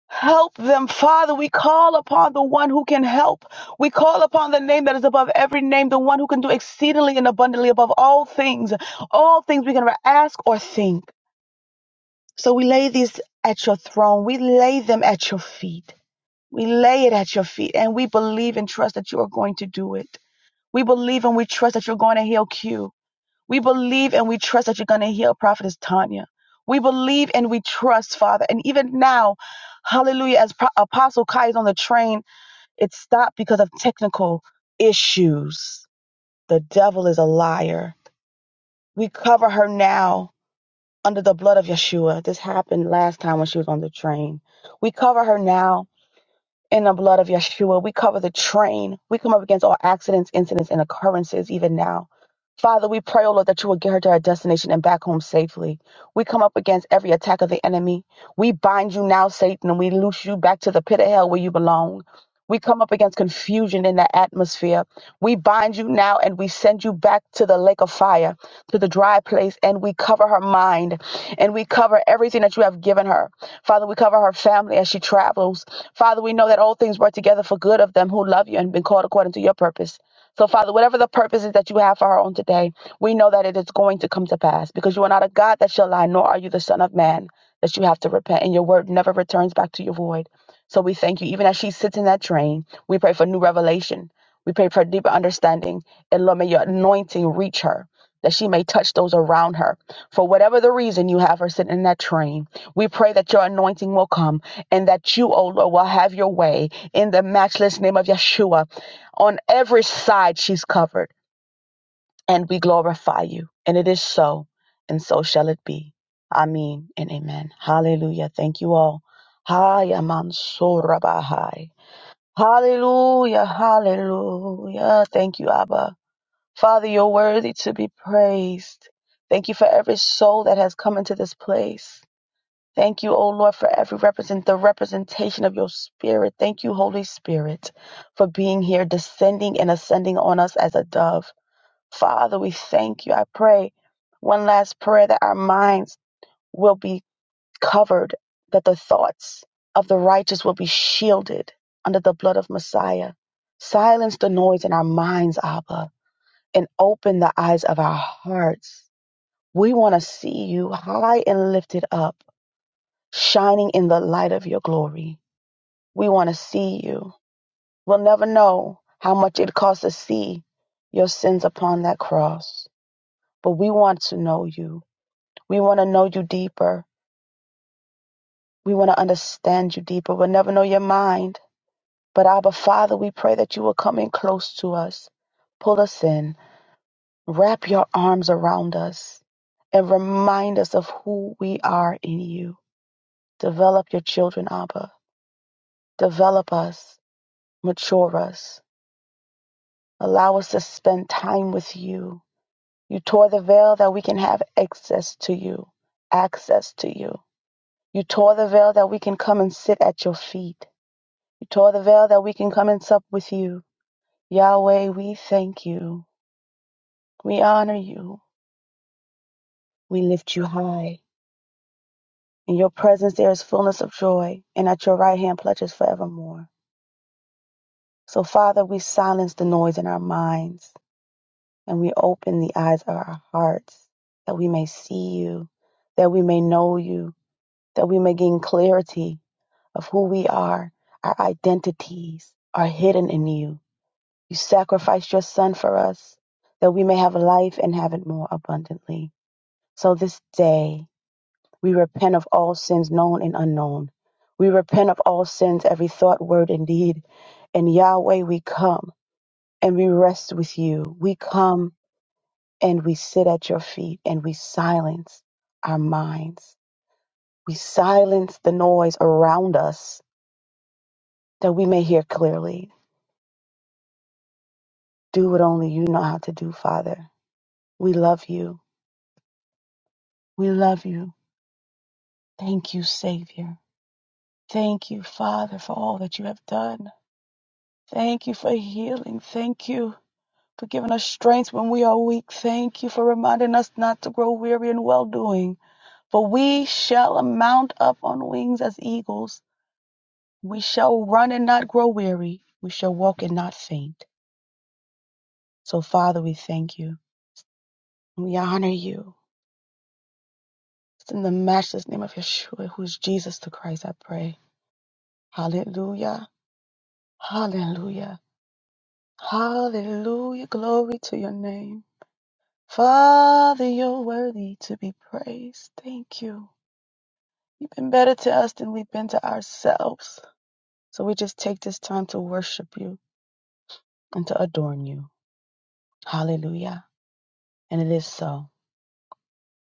Help them, Father. We call upon the one who can help. We call upon the name that is above every name, the one who can do exceedingly and abundantly above all things, all things we can ever ask or think. So we lay these at your throne. We lay them at your feet. We lay it at your feet and we believe and trust that you are going to do it. We believe and we trust that you're going to heal Q. We believe and we trust that you're going to heal Prophetess Tanya. We believe and we trust, Father. And even now, hallelujah, as Pro- Apostle Kai is on the train, it stopped because of technical issues. The devil is a liar. We cover her now under the blood of Yeshua. This happened last time when she was on the train. We cover her now in the blood of Yeshua, we cover the train. We come up against all accidents, incidents, and occurrences even now. Father, we pray, O Lord, that you will get her to her destination and back home safely. We come up against every attack of the enemy. We bind you now, Satan, and we loose you back to the pit of hell where you belong. We come up against confusion in the atmosphere. We bind you now and we send you back to the lake of fire, to the dry place, and we cover her mind and we cover everything that you have given her. Father, we cover her family as she travels. Father, we know that all things work together for good of them who love you and been called according to your purpose. So, Father, whatever the purpose is that you have for her on today, we know that it is going to come to pass because you are not a God that shall lie, nor are you the Son of Man that you have to repent, and your word never returns back to your void. So, we thank you. Even as she sits in that train, we pray for new revelation. We pray for deeper understanding. And Lord, may your anointing reach her, that she may touch those around her. For whatever the reason you have her sitting in that train, we pray that your anointing will come and that you, O Lord, will have your way in the matchless name of Yeshua. On every side, she's covered, and we glorify you. And it is so, and so shall it be. Amen and amen. Hallelujah. Thank you all. Haya mansurabahai. Hallelujah. Hallelujah. Thank you, Abba. Father, you're worthy to be praised. Thank you for every soul that has come into this place. Thank you, O Lord, for every represent the representation of your spirit. Thank you, Holy Spirit, for being here, descending and ascending on us as a dove. Father, we thank you. I pray one last prayer that our minds will be covered, that the thoughts of the righteous will be shielded under the blood of Messiah. Silence the noise in our minds, Abba, and open the eyes of our hearts. We want to see you high and lifted up shining in the light of your glory. We want to see you. We'll never know how much it costs to see your sins upon that cross, but we want to know you. We want to know you deeper. We want to understand you deeper. We'll never know your mind. But Abba, Father, we pray that you will come in close to us, pull us in, wrap your arms around us, and remind us of who we are in you. Develop your children, Abba. Develop us, mature us Allow us to spend time with you. You tore the veil that we can have access to you, access to you. You tore the veil that we can come and sit at your feet. You tore the veil that we can come and sup with you. Yahweh, we thank you. We honor you. We lift you high. In your presence there is fullness of joy, and at your right hand pledges forevermore. So, Father, we silence the noise in our minds. and we open the eyes of our hearts that we may see you, that we may know you, that we may gain clarity of who we are. Our identities are hidden in you. You sacrificed your son for us that we may have life and have it more abundantly. So this day, we repent of all sins known and unknown. We repent of all sins, every thought, word, and deed. And Yahweh, we come and we rest with you. We come and we sit at your feet and we silence our minds. We silence the noise around us that we may hear clearly. Do what only you know how to do, Father. We love you. We love you. Thank you, Savior. Thank you, Father, for all that you have done. Thank you for healing. Thank you for giving us strength when we are weak. Thank you for reminding us not to grow weary in well doing. For we shall mount up on wings as eagles. We shall run and not grow weary. We shall walk and not faint. So, Father, we thank you. We honor you. It's in the matchless name of Yeshua, who is Jesus the Christ, I pray. Hallelujah. Hallelujah. Hallelujah. Glory to your name. Father, you're worthy to be praised. Thank you. You've been better to us than we've been to ourselves. So we just take this time to worship you and to adorn you. Hallelujah. And it is so,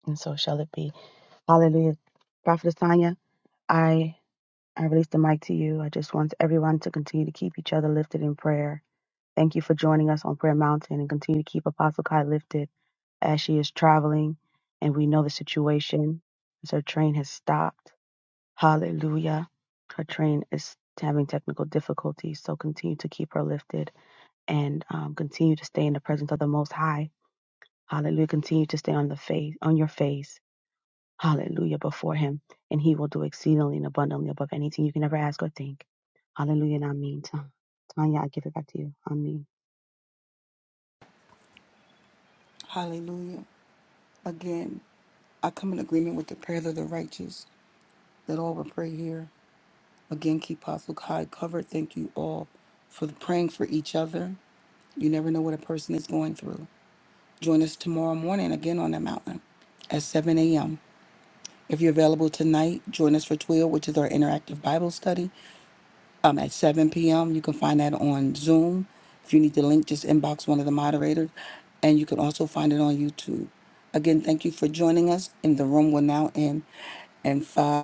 and so shall it be. Hallelujah. Prophetess Tanya, I, I release the mic to you. I just want everyone to continue to keep each other lifted in prayer. Thank you for joining us on Prayer Mountain and continue to keep Apostle Kai lifted as she is traveling. And we know the situation. as her train has stopped. Hallelujah. Her train is having technical difficulties. So continue to keep her lifted and um, continue to stay in the presence of the Most High. Hallelujah. Continue to stay on the face, on your face hallelujah, before him, and he will do exceedingly and abundantly above anything you can ever ask or think. Hallelujah, and I mean, Tanya, I give it back to you. Amen. Hallelujah. Again, I come in agreement with the prayers of the righteous that all will pray here. Again, keep Apostle Kai covered. Thank you all for praying for each other. You never know what a person is going through. Join us tomorrow morning again on the mountain at 7 a.m. If you're available tonight, join us for 12, which is our interactive Bible study. um, at 7 p.m. You can find that on Zoom. If you need the link, just inbox one of the moderators. And you can also find it on YouTube. Again, thank you for joining us. And the room will now end in five.